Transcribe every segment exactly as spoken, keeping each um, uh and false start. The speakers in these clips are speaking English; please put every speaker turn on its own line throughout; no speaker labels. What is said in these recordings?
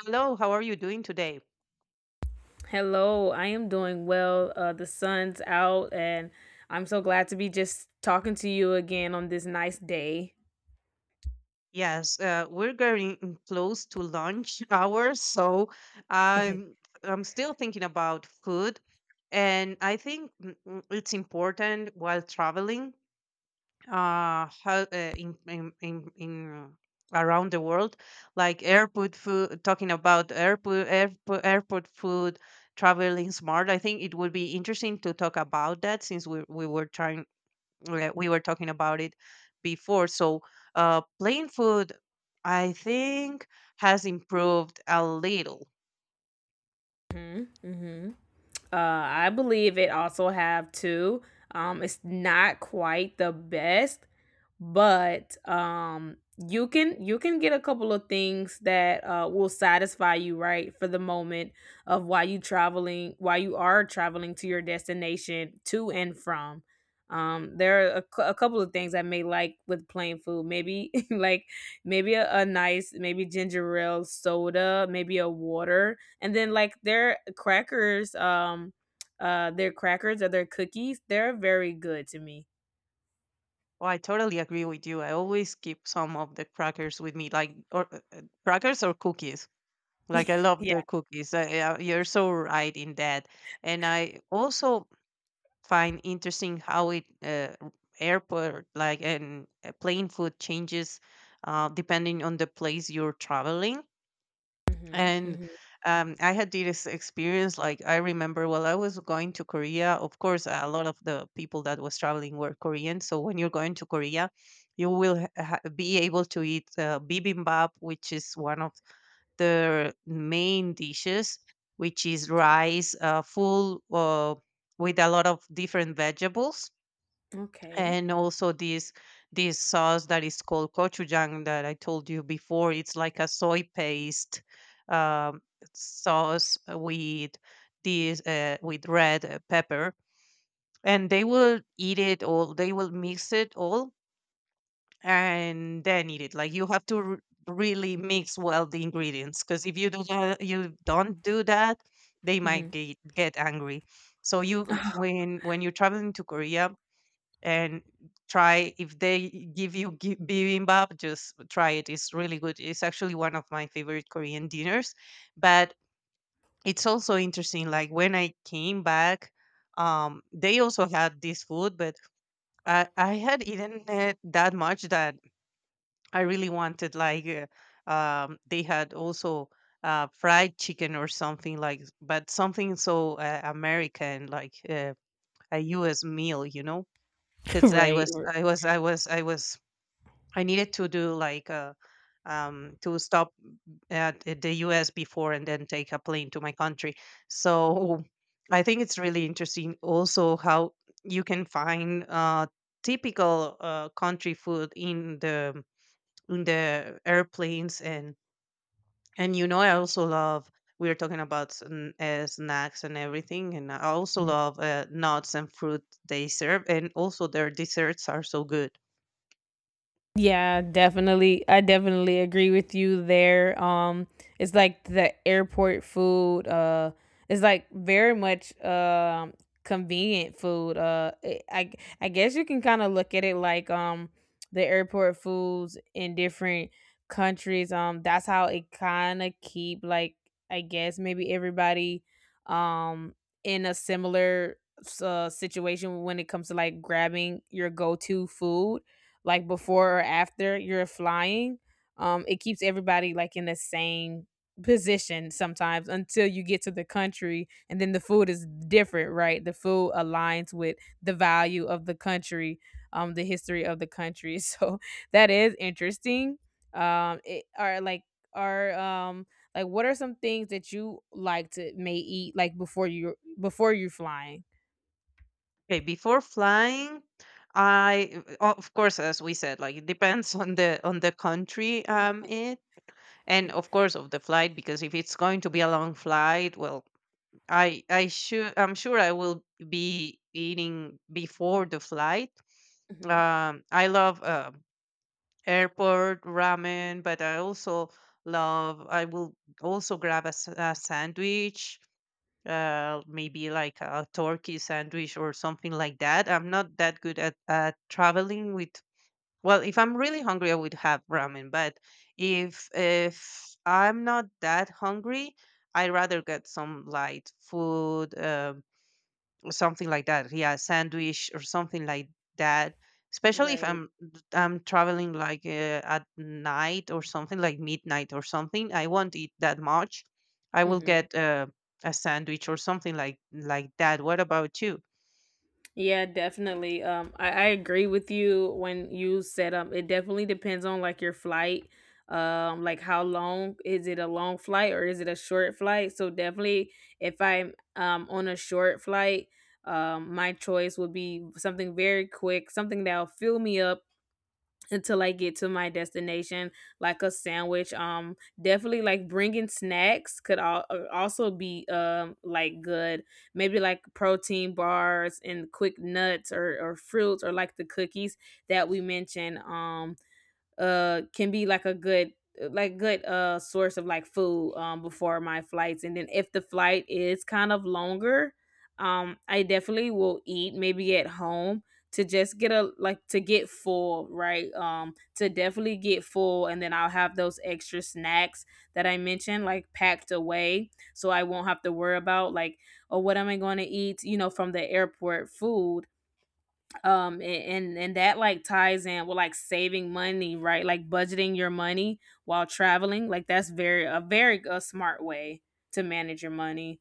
Hello, how are you doing today?
Hello, I am doing well. Uh, the sun's out, and I'm so glad to be just talking to you again on this nice day.
Yes, uh, we're getting close to lunch hours, so I'm I'm still thinking about food, and I think mm, mm, it's important while traveling, uh, how, uh in, in in in around the world, like airport food. Talking about airport airport airport food, traveling smart. I think it would be interesting to talk about that since we we were trying we we were talking about it before. So, uh, plain food, I think, has improved a little.
Hmm, hmm. Uh, I believe it also have two. Um, it's not quite the best, but um you can you can get a couple of things that uh will satisfy you right for the moment of why you traveling why you are traveling to your destination to and from. Um there are a, cou- a couple of things I may like with plain food maybe like maybe a, a nice, maybe ginger ale soda, maybe a water, and then like their crackers, um uh their crackers or their cookies. They're very good to me.
Oh, I totally agree with you. I always keep some of the crackers with me, like or uh, uh, crackers or cookies. Like I love
Yeah.
the cookies. Uh, yeah, you're so right in that. And I also find interesting how it uh, r- airport like and uh, plane food changes uh, depending on the place you're traveling.
Hmm,
And
hmm.
um, I had this experience. Like I remember, while I was going to Korea, of course, a lot of the people that was traveling were Korean. So when you're going to Korea, you will ha- ha- be able to eat uh, bibimbap, which is one of their main dishes, which is rice, uh, full uh, with a lot of different vegetables,
Okay.
and also this this sauce that is called gochujang that I told you before. It's like a soy paste um, sauce with this uh, with red uh, pepper, and they will eat it all. They will mix it all and then eat it. Like you have to r- really mix well the ingredients, because if you do that, you don't do that, they might
Hmm.
get, get angry. So you
Mhm.
when when you're traveling to Korea and try if they give you gi- bibimbap, just try it. It's really good. It's actually one of my favorite Korean dinners. But it's also interesting like when I came back, um they also had this food, but i i had eaten it that much that I really wanted like uh, um they had also uh fried chicken or something like, but something so uh, American like uh, a US meal, you know. Because I
Right.
was
Or-
I was I was I was I needed to do like a, um, to stop at at the U S before and then take a plane to my country. So I think it's really interesting also how you can find uh, typical uh, country food in the in the airplanes. and and you know, I also love, we are talking about sn- uh, snacks and everything, and I also love uh, nuts and fruit they serve, and also their desserts are so good.
Yeah, definitely. I definitely agree with you there. Um, it's like the airport food. Uh, it's like very much um convenient food. Uh, it, I I guess you can kind of look at it like um the airport foods in different countries. Um, that's how it kind of keep like I guess maybe everybody um in a similar s- uh, situation when it comes to like grabbing your go to food like before or after you're flying. Um it keeps everybody like in the same position sometimes, until you get to the country, and then the food is different, right? The food aligns with the value of the country, um the history of the country. So that is interesting. Um it are like are um Like what are some things that you like to may eat like before you before you're flying?
Okay, before flying, I o- of course, as we said, like it depends on the on the country. Um it And of course of the flight, because if it's going to be a long flight, well, I I should I'm sure I will be eating before the flight.
Mm-hmm.
Um, I love uh, airport ramen, but I also love I will also grab a, s- a sandwich, uh, maybe like a turkey sandwich or something like that. I'm not that good at, at traveling with. Well, if I'm really hungry, I would have ramen. But if if I'm not that hungry, I rather get some light food. Um, or something like that. Yeah, sandwich or something like that. Especially if
Right.
I'm I'm traveling like uh, at night or something, like midnight or something, I won't eat that much. I will
Mhm.
get uh, a sandwich or something like like that. What about you?
Yeah, definitely. Um, I, I agree with you when you said um it definitely depends on like your flight. Um, like how long is it? A long flight or is it a short flight? So definitely if I'm um on a short flight, um my choice would be something very quick, something that'll fill me up until I get to my destination, like a sandwich. Um, definitely like bringing snacks could all, also be um like good. Maybe like protein bars and quick nuts or or fruits or like the cookies that we mentioned. Um, uh can be like a good uh, like good uh source of like food um before my flights. And then if the flight is kind of longer, um I definitely will eat maybe at home to just get a like to get full, right? Um to definitely get full, and then I'll have those extra snacks that I mentioned, like packed away, so I won't have to worry about like, oh, what am I going to eat, you know, from the airport food. um a- and and that like ties in with like saving money, right? Like budgeting your money while traveling, like that's very a very a smart way to manage your money.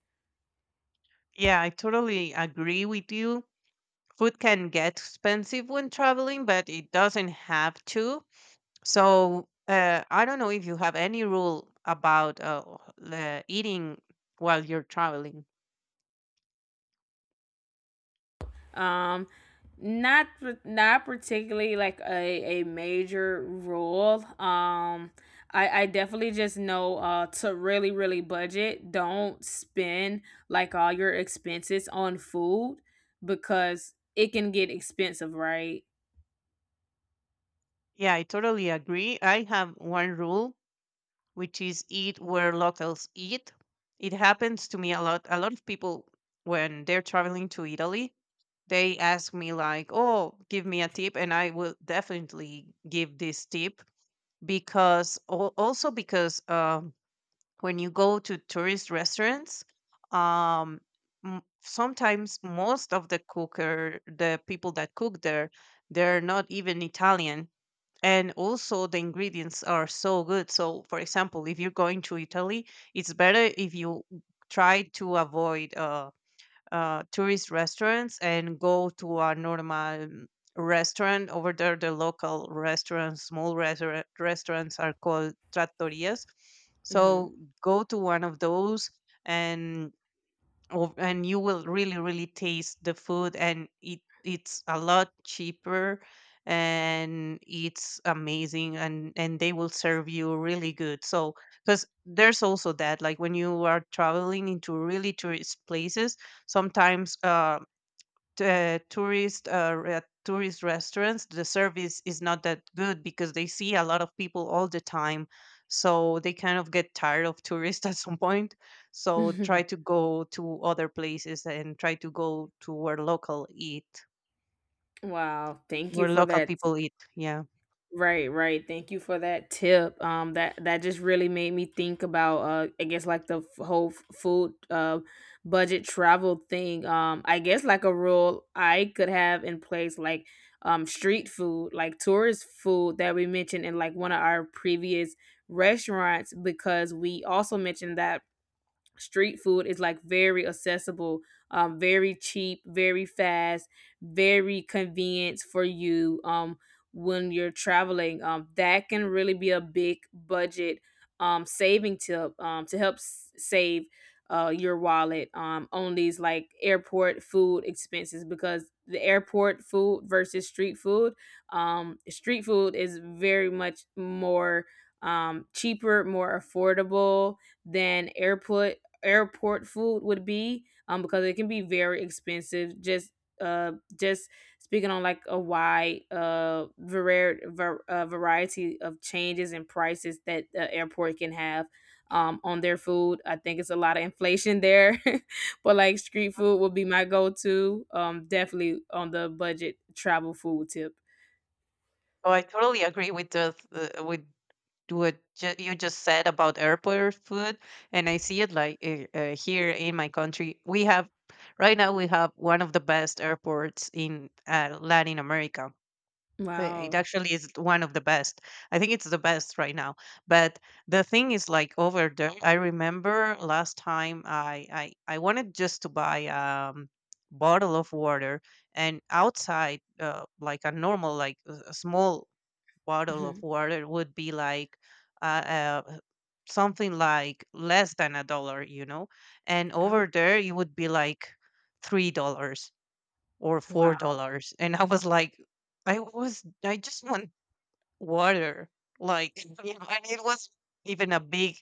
Yeah, I totally agree with you. Food can get expensive when traveling, but it doesn't have to. So, uh, I don't know if you have any rule about uh, the eating while you're traveling.
um not par- Not particularly like a a major rule. Um i i definitely just know uh to really really budget. Don't spend like all your expenses on food, because it can get expensive, right?
Yeah, I totally agree. I have one rule, which is eat where locals eat. It happens to me a lot. A lot of people, when they're traveling to Italy, they ask me like, "Oh, give me a tip," and I will definitely give this tip because al- also because, um, when you go to tourist restaurants, um, m- sometimes most of the cooker the people that cook there, they're not even Italian. And also the ingredients are so good. So for example, if you're going to Italy, it's better if you try to avoid Uh, uh, tourist restaurants and go to a normal mm, restaurant over there, the local restaurants. Small restaurant, restaurants are called trattorias.
Mm-hmm.
So go to one of those, and oh, and you will really, really taste the food, and it it's a lot cheaper, and it's amazing, and and they will serve you really good. So, because there's also that, like when you are traveling into really tourist places, sometimes uh t- uh, tourist uh, re- tourist restaurants, the service is not that good because they see a lot of people all the time, so they kind of get tired of tourists at some point. So try to go to other places and try to go to where local eat,
Wow, thank you
where
for
local
that.
people eat. Yeah,
Right, right. Thank you for that tip. Um that that just really made me think about uh I guess like the f- whole f- food uh budget travel thing. Um I guess like a rule I could have in place like um street food, like tourist food that we mentioned in like one of our previous restaurants, because we also mentioned that street food is like very accessible, um very cheap, very fast, very convenient for you, um when you're traveling. Um that can really be a big budget um saving tip, um to help s- save uh your wallet um on these like airport food expenses, because the airport food versus street food, um street food is very much more um cheaper, more affordable than airport airport food would be, um because it can be very expensive. just uh just speaking on like a wide uh, var- var- uh variety of changes and prices that the airport can have um on their food. I think it's a lot of inflation there. But like street food would be my go-to, um definitely, on the budget travel food tip.
so I totally agree with the th- uh, with to what ju- you just said about airport food. And I see it like, uh, uh, here in my country we have, right now we have one of the best airports in uh, Latin America. Uh, it
Wow.
actually is one of the best. I think it's the best right now. But the thing is, like over there, I remember last time i i, I wanted just to buy um bottle of water, and outside, uh, like a normal, like a a small bottle of
Mhm.
water would be like uh, uh, something like less than a dollar, you know. And
Oh,
over there it would be like three dollars or
wow.
four dollars, and I was like, I was, I just want water, like, you know. And it was even a big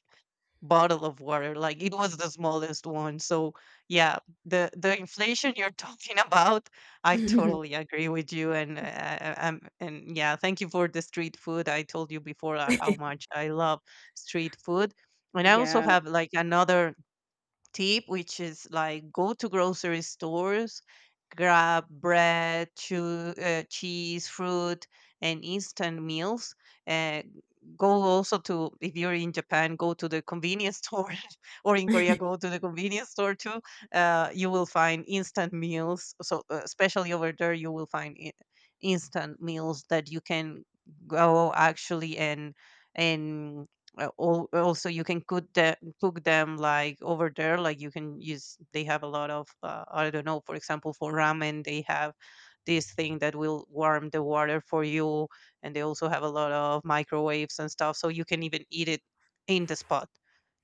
bottle of water. Like it was the smallest one. So yeah, the the inflation you're talking about, I totally agree with you. And uh, I and yeah, thank you for the street food. I told you before uh, how much I love street food. And I also
Yeah.
have like another tip, which is like go to grocery stores, grab bread, chew, uh, cheese, fruit, and instant meals. Uh, Go also to, if you're in Japan, go to the convenience store, or in Korea, go to the convenience store too. Uh, you will find instant meals. So, uh, especially over there, you will find i- instant meals that you can go actually and and uh, al- also, you can cook the cook them like over there. Like you can use, they have a lot of. Uh, I don't know. For example, for ramen, they have this thing that will warm the water for you, and they also have a lot of microwaves and stuff. So you can even eat it in the spot.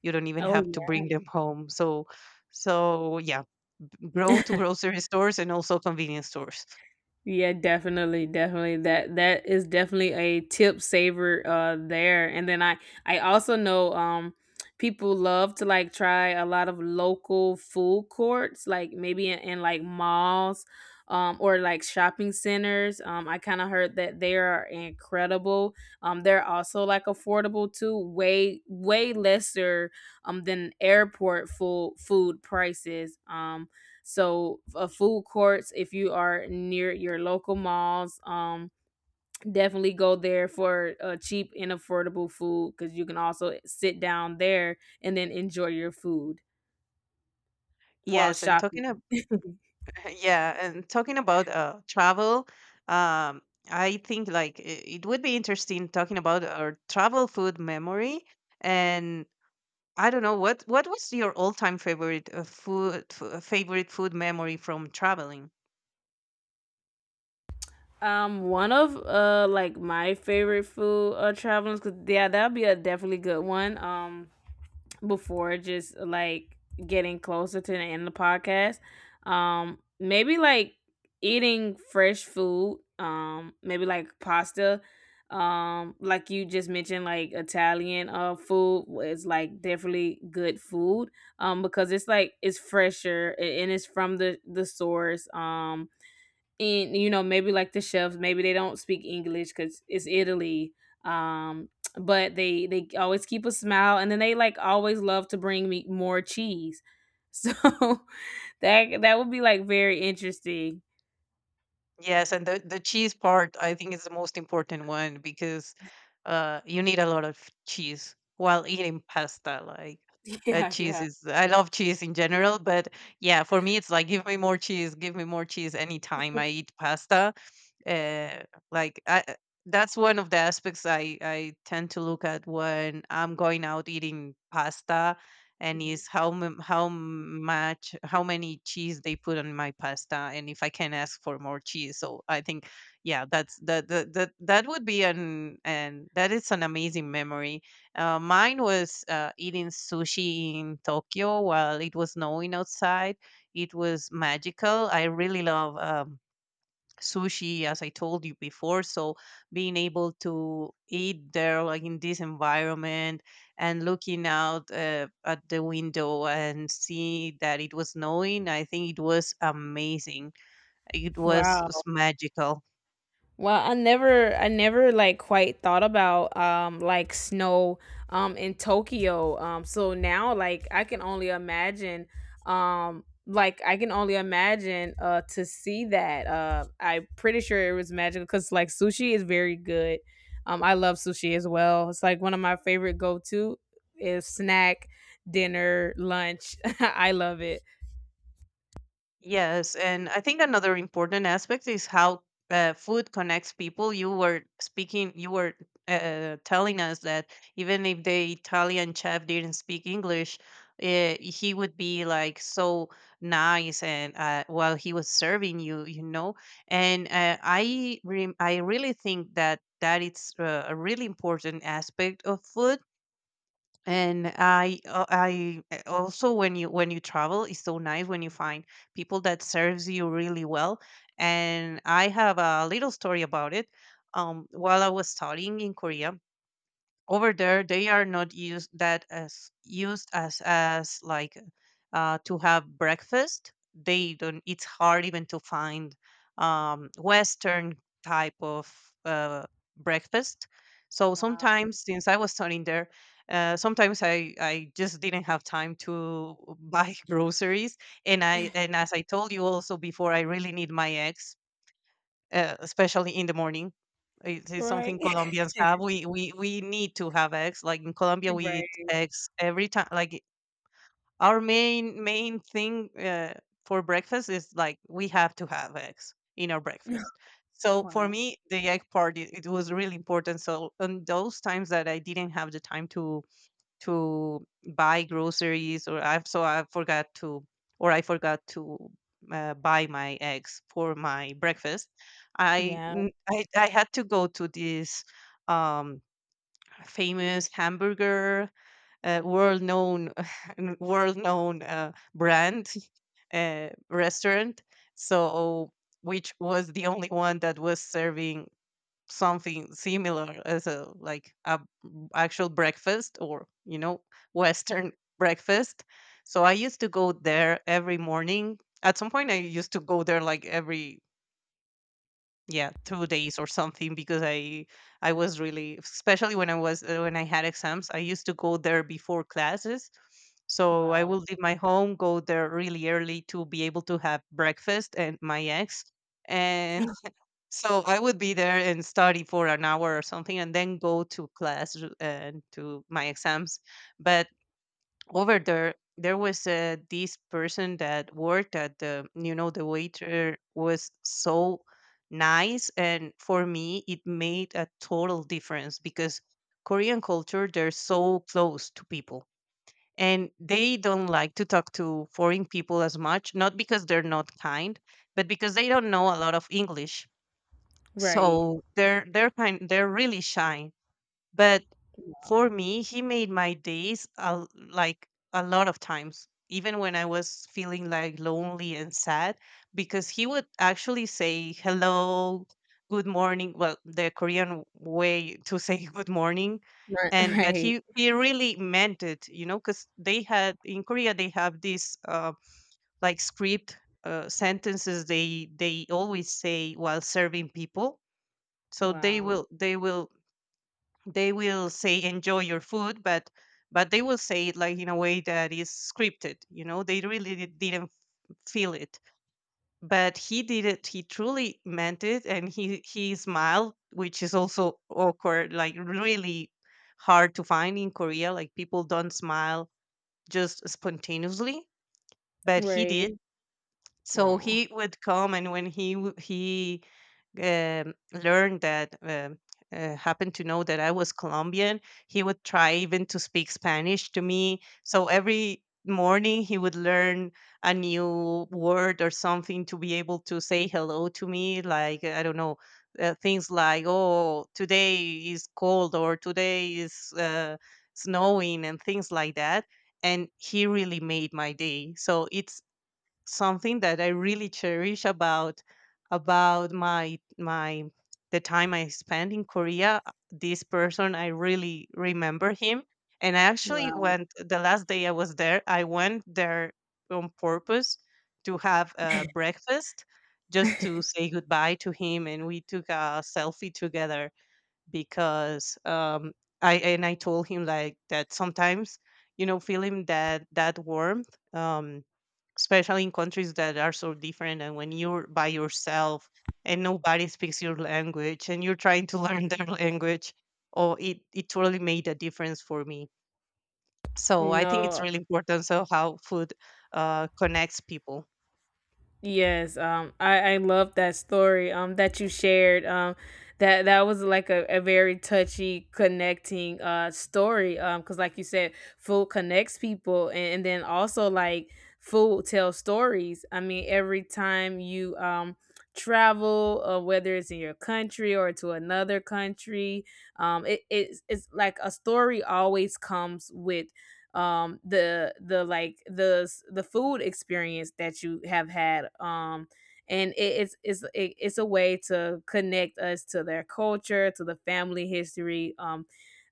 You don't even
Oh,
have to bring them home. So, so yeah, grow to
yeah.
grocery stores and also convenience stores.
Yeah, definitely, definitely. That that is definitely a tip saver uh there. And then I I also know um people love to like try a lot of local food courts, like maybe in, in like malls um or like shopping centers. Um I kind of heard that they are incredible. Um they're also like affordable too, way, way lesser um than airport full food prices. Um so, uh, food courts, if you are near your local malls, um, definitely go there for uh, cheap and affordable food, because you can also sit down there and then enjoy your food while
Yes, and talking
shopping.
Yeah, and talking about uh, travel, um, I think like i- it would be interesting talking about our travel food memory. And I don't know what what was your all-time favorite uh, food f- uh, favorite food memory from traveling?
Um, one of uh like my favorite food uh travelers, cause yeah, that'd be a definitely good one. Um, before just like getting closer to the end of the podcast. Um, maybe like eating fresh food, um, maybe like pasta. Um, like you just mentioned, like Italian uh food is like definitely good food. Um, because it's like it's fresher, a- and it's from the the source. Um, and you know, maybe like the chefs, maybe they don't speak English because it's Italy. um but they they always keep a smile, and then they like always love to bring me more cheese. So that that would be like very interesting.
Yes, and the the cheese part I think is the most important one, because uh you need a lot of cheese while eating pasta. Like uh,
Yeah,
cheese
yeah.
is, I love cheese in general, but yeah, for me it's like give me more cheese, give me more cheese anytime I eat pasta. Uh, like I, I- that's one of the aspects I I tend to look at when I'm going out eating pasta, and
Mhm.
is how m- how much, how many cheese they put on my pasta, and if I can ask for more cheese. So I think, yeah, that's that that that, that would be an, and that is an amazing memory. Uh, mine was uh, eating sushi in Tokyo while it was snowing outside. It was magical. I really love. Um, sushi, as I told you before, so being able to eat there like in this environment and looking out uh, at the window and see that it was snowing, I think it was amazing. It was
Wow.
s- magical.
Well, I never, I never like quite thought about um like snow um in Tokyo. Um, so now like I can only imagine. Um, like I can only imagine uh to see that. Uh, I'm pretty sure it was magical because like sushi is very good. Um, I love sushi as well. It's like one of my favorite go to is snack, dinner, lunch. I love it.
Yes, and I think another important aspect is how uh, food connects people. You were speaking, you were uh, telling us that even if the Italian chef didn't speak English, uh, he would be like so nice and uh, while he was serving you, you know. And uh, I, re- I really think that that it's uh, a really important aspect of food. And I uh, I uh, also when you when you travel it's so nice when you find people that serves you really well. And I have a little story about it. Um, while I was studying in Korea, over there they are not used that as used as as like uh, to have breakfast. They don't, it's hard even to find um, western type of uh, breakfast. So
Wow.
sometimes, since I was studying there, uh, sometimes I, I just didn't have time to buy groceries. And i and as I told you also before, I really need my eggs, uh, especially in the morning. It is
Right.
something Colombians have. We, we we need to have eggs. Like in Colombia, we
Right.
eat eggs every time. Like our main main thing, uh, for breakfast is like we have to have eggs in our breakfast. So for
Wow.
me, the egg part it, it was really important. So on those times that I didn't have the time to to buy groceries or I've so I forgot to or I forgot to uh, buy my eggs for my breakfast, I,
Yeah.
mm, I I had to go to this um, famous hamburger, uh, world known world known uh, brand uh, restaurant. So which was the only one that was serving something similar as a like a b- actual breakfast, or you know, western breakfast. So I used to go there every morning. At some point I used to go there like every, yeah, two days or something, because i i was really, especially when I was uh, when I had exams, I used to go there before classes. So I
Wow.
will leave my home, go there really early to be able to have breakfast and my eggs. And so I would be there and study for an hour or something and then go to class r- and to my exams. But over there, there was uh, this person that worked at the, you know, the waiter was so nice. And for me, it made a total difference, because Korean culture, they're so close to people, and they don't like to talk to foreign people as much, not because they're not kind, but because they don't know a lot of English.
Right.
So they're they're kind they're really shy. But
Wow.
for me, he made my days a, like, a lot of times, even when I was feeling like lonely and sad, because he would actually say hello, good morning. Well, the Korean way to say good morning.
Right.
And but
Right.
he he really meant it, you know, because they had in Korea they have this uh, like script, uh, sentences they they always say while serving people. So they
Wow.
will they will they will say enjoy your food. but but they will say it like in a way that is scripted, you know, they really di- didn't feel it. But he did it, he truly meant it, and he he smiled, which is also awkward, like really hard to find in Korea, like people don't smile just spontaneously. But he
Right.
did. So
Oh.
he would come, and when he w- he um, learned that um, uh, happened to know that I was Colombian, he would try even to speak Spanish to me. So every morning he would learn a new word or something to be able to say hello to me. Like I don't know, uh, things like "Oh, today is cold" or "Today is uh, snowing" and things like that. And he really made my day. So it's something that I really cherish about about my my the time I spent in Korea. This person, I really remember him, and I actually
Wow.
went the last day I was there. I went there on purpose to have a breakfast, just to say goodbye to him, and we took a selfie together because um, I and I told him like that sometimes, you know, feeling that that warmth. Um, especially in countries that are so different, and when you're by yourself and nobody speaks your language and you're trying to learn their language. Oh, it, it totally made a difference for me. So I think it's
No.
really important, so how food uh, connects people.
Yes, um, I I love that story um that you shared. Um, that that was like a, a very touchy connecting uh story. Um, because like you said, food connects people, and, and then also like food tells stories. I mean, every time you um travel, uh, whether it's in your country or to another country, um, it it's, it's like a story always comes with um the the like the the food experience that you have had. um and it, it's it's it, it's a way to connect us to their culture, to the family history, um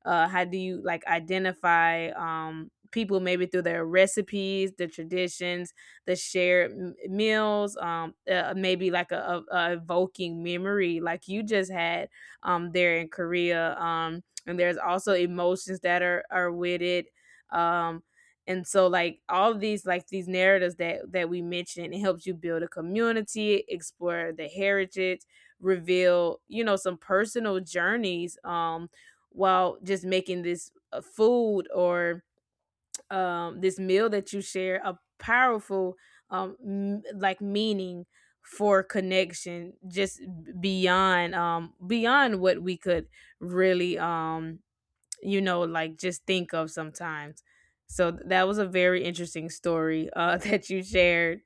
uh how do you like identify um people, maybe through their recipes, the traditions, the shared m- meals, um uh, maybe like a, a, a evoking memory like you just had um there in Korea. Um and there's also emotions that are are with it. um and so like all of these like these narratives that that we mentioned, it helps you build a community, explore the heritage, reveal, you know, some personal journeys, um while just making this uh, food, or um this meal that you share, a powerful um m- like meaning for connection, just b- beyond, um beyond what we could really, um you know, like just think of sometimes. So th- that was a very interesting story, uh, that you shared.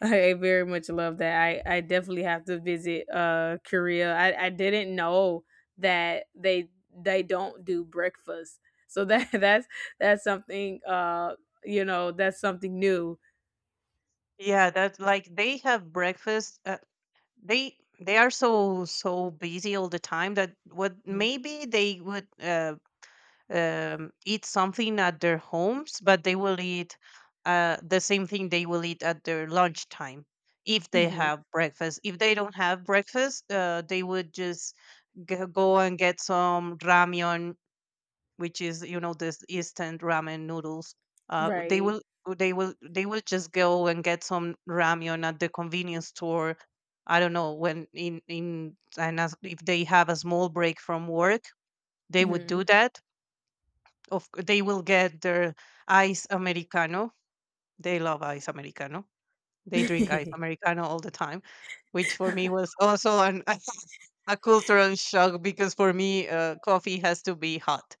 I very much love that. I, I definitely have to visit, uh, Korea. I, I didn't know that they they don't do breakfast. So that that's that's something uh you know, that's something new.
Yeah, that like they have breakfast, uh, they they are so so busy all the time that what maybe they would uh, um, eat something at their homes, but they will eat uh, the same thing they will eat at their lunchtime if they
Mm-hmm.
have breakfast. If they don't have breakfast, uh, they would just g- go and get some ramyun, which is you know this instant ramen noodles. Uh, they
Right.
will they will they will just go and get some ramyun at the convenience store. I don't know when, in in and as, if they have a small break from work, they would do
Hmm.
that. Of c- they will get their ice americano. They love ice americano. They drink ice americano all the time, which for me was also an a cultural shock, because for me uh, coffee has to be hot,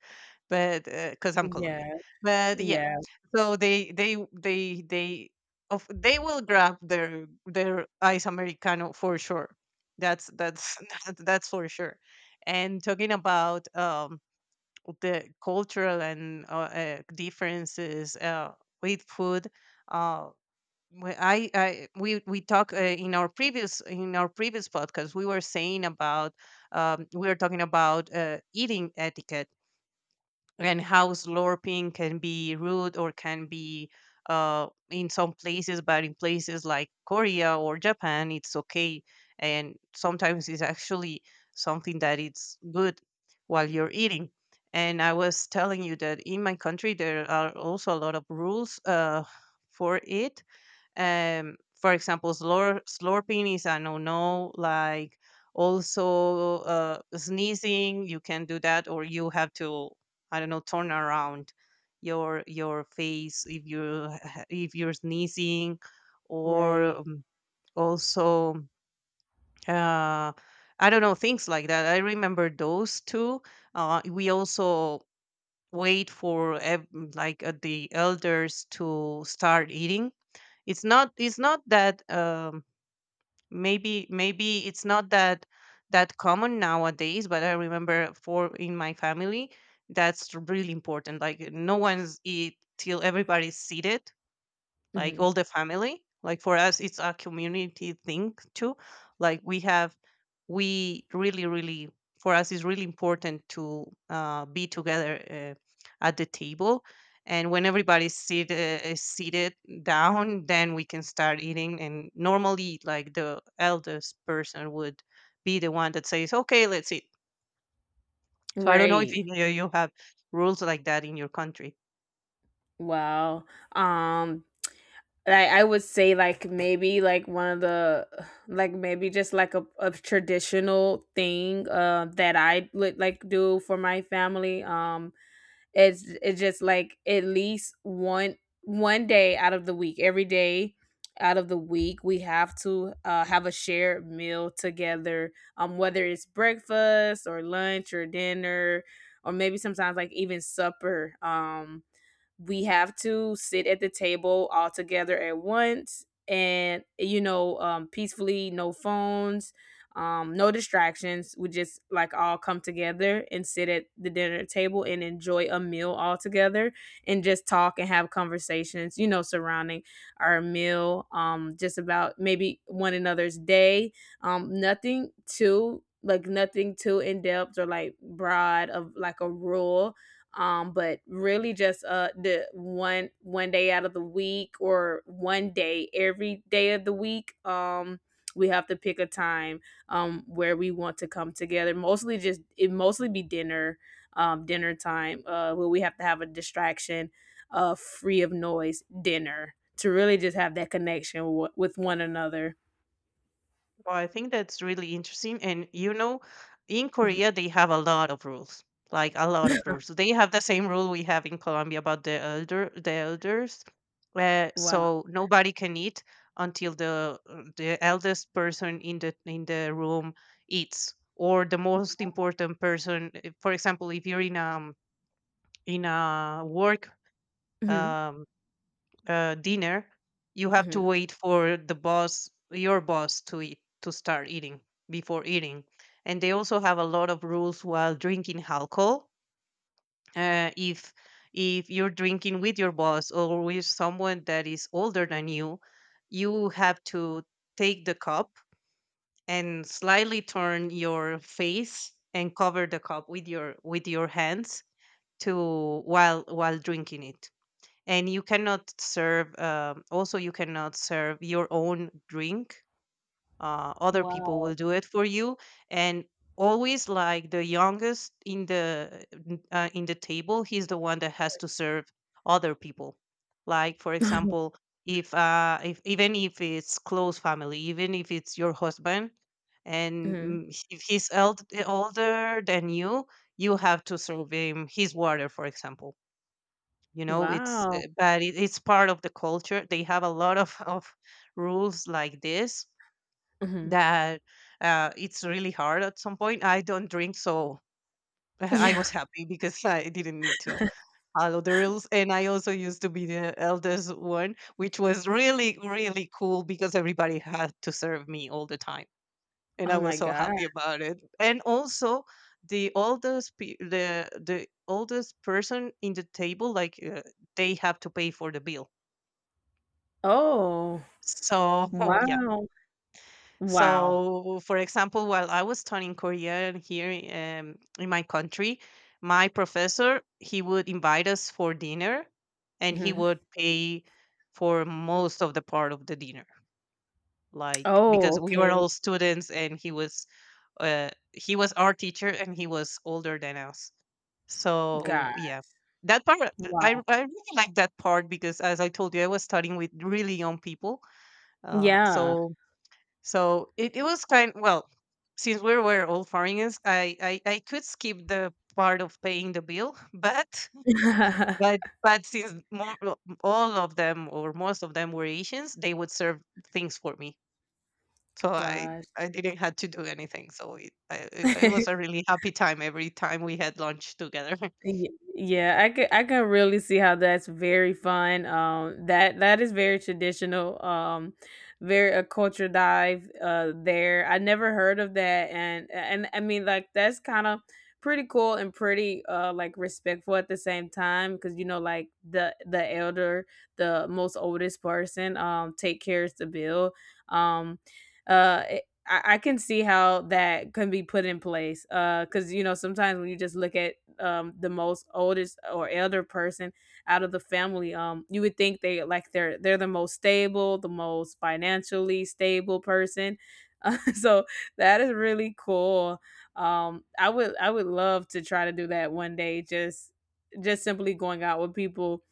but because I'm Colombian.
Yeah.
But yeah,
Yeah.
so they they they they of they will grab their their ice americano for sure. That's that's that's for sure. And talking about um the cultural and uh, uh, differences uh, with food. Uh, we- I, I we we talk uh, in our previous in our previous podcast, we were saying about um, we were talking about uh, eating etiquette, and how slurping can be rude or can be uh, in some places, but in places like Korea or Japan, it's okay. And sometimes it's actually something that it's good while you're eating. And I was telling you that in my country, there are also a lot of rules uh, for it. Um for example, slur- slurping is a no-no. Like also, uh, sneezing, you can do that, or you have to, I don't know, turn around your your face if you if you're sneezing, or
Right.
um, also, uh I don't know, things like that. I remember those two. Uh, we also wait for ev- like uh, the elders to start eating. It's not it's not that, um, maybe maybe it's not that that common nowadays, but I remember for in my family, that's really important. Like no one's eat till everybody's seated, like
Hmm.
all the family. Like for us it's a community thing too. Like we have, we really really for us it's really important to uh, be together uh, at the table. And when everybody's seat, uh, is seated down, then we can start eating. And normally like the eldest person would be the one that says okay, let's eat. So I don't know if
Right.
you, you have rules like that in your country.
Wow. Um like I would say like maybe like one of the, like maybe just like a, a traditional thing, uh, that I would like do for my family. um it's it's just like at least one one day out of the week, every day out of the week, we have to, uh, have a shared meal together, um whether it's breakfast or lunch or dinner, or maybe sometimes like even supper. Um we have to sit at the table all together at once, and you know, um, peacefully, no phones, um, no distractions. We just like all come together and sit at the dinner table and enjoy a meal all together, and just talk and have conversations, you know, surrounding our meal, um, just about maybe one another's day. Um, nothing too like nothing too in depth or like broad of like a rule, um but really just uh the one one day out of the week or one day every day of the week. Um we have to pick a time, um where we want to come together, mostly just it mostly be dinner, um dinner time, uh where we have to have a distraction uh free of noise dinner to really just have that connection, w- with one another.
Well, I think that's really interesting. And you know, in
Mhm.
Korea, they have a lot of rules, like a lot of rules. They have the same rule we have in Colombia about the elder, the elders. Uh,
Wow.
so nobody can eat until the uh, the eldest person in the in the room eats, or the most important person. uh, For example, if you're in a in a work
Hmm.
um, uh, dinner, you have to
Hmm.
wait for the boss, your boss, to eat, to start eating before eating. And they also have a lot of rules while drinking alcohol. Uh, if if you're drinking with your boss or with someone that is older than you, you have to take the cup and slightly turn your face and cover the cup with your with your hands to while while drinking it. And you cannot serve, um, also you cannot serve your own drink, uh, other people
Wow.
will do it for you. And always like the youngest in the n- uh, in the table, he's the one that has to serve other people. Like for example, if uh if even if it's close family, even if it's your husband, and
Hmm.
mm, if he's eld- older than you, you have to serve him his water, for example. You know, it's uh,
Wow.
but it, it's part of the culture. They have a lot of, of rules like this,
Hmm.
that uh, it's really hard at some point. I don't drink, so I
Yeah.
was happy because I didn't need to follow the rules. And I also used to be the eldest one, which was really really cool because everybody had to serve me all the time, and
Oh
I
my
was so
god.
happy about it. And also the oldest pe- the the oldest person in the table, like uh, they have to pay for the bill.
Oh,
So yeah.
wow. Wow.
So for example, while I was studying Korean here, um, in my country, my professor, he would invite us for dinner, and he
Mhm.
would pay for most of the part of the dinner, like
Oh,
because we were
okay.
all students, and he was uh, he was our teacher, and he was older than us.
God.
So yeah. That part, uh, I,
Wow.
I really like that part because, as I told you, I was studying with really young people. Uh,
Yeah.
so So it, it was kind, well, since we were all foreigners, I, I I could skip the part of paying the bill, but but but since more, well, all of them or most of them were Asians, they would serve things for me, so I
Gosh.
I didn't had to do anything. So it I, it it was a really happy time every time we had lunch together.
Y- Yeah, I can I can really see how that's very fun. Um, that that is very traditional. Um, very a culture dive. Uh, there I never heard of that, and and I mean like that's kind of pretty cool and pretty uh like respectful at the same time, because you know like the the elder, the most oldest person, um, take cares the bill. Um, uh, it- I, I can see how that can be put in place. Uh, because you know sometimes when you just look at um the most oldest or elder person out of the family, um you would think they like they're they're the most stable, the most financially stable person, uh, so that is really cool. Um i would i would love to try to do that one day, just just simply going out with people.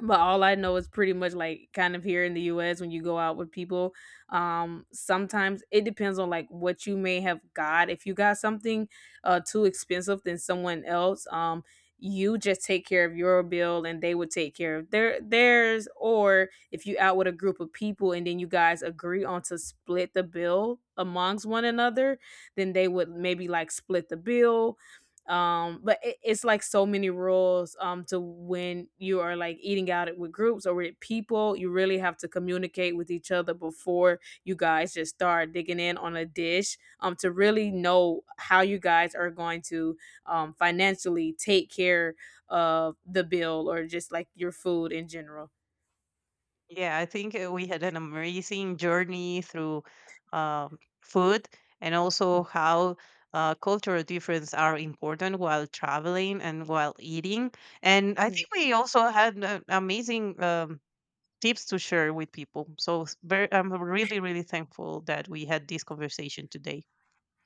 But all I know is pretty much like kind of here in the U S, when you go out with people, um sometimes it depends on like what you may have got. If you got something uh too expensive than someone else, um you just take care of your bill and they would take care of their theirs. Or if you out with a group of people, and then you guys agree on to split the bill amongst one another, then they would maybe like split the bill. Um but it, it's like so many rules um to when you are like eating out with groups or with people. You really have to communicate with each other before you guys just start digging in on a dish, um to really know how you guys are going to um financially take care of the bill, or just like your food in general.
Yeah, I think uh, we had an amazing journey through um, food, and also how uh, cultural differences are important while traveling and while eating. And I think we also had uh, amazing um, tips to share with people. So it's very, I'm really, really thankful that we had this conversation today.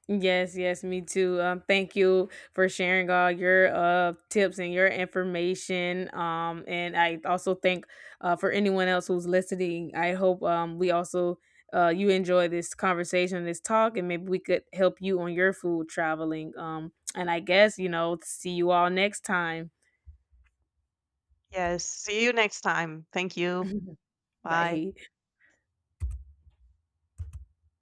Yes, yes, me too. Um, thank you for sharing all your uh tips and your information. Um, and I also thank uh for anyone else who's listening. I hope um we also uh you enjoy this conversation, this talk, and maybe we could help you on your food traveling. Um, and I guess you know, see you all next time.
Yes. See you next time. Thank you. Bye.
Bye.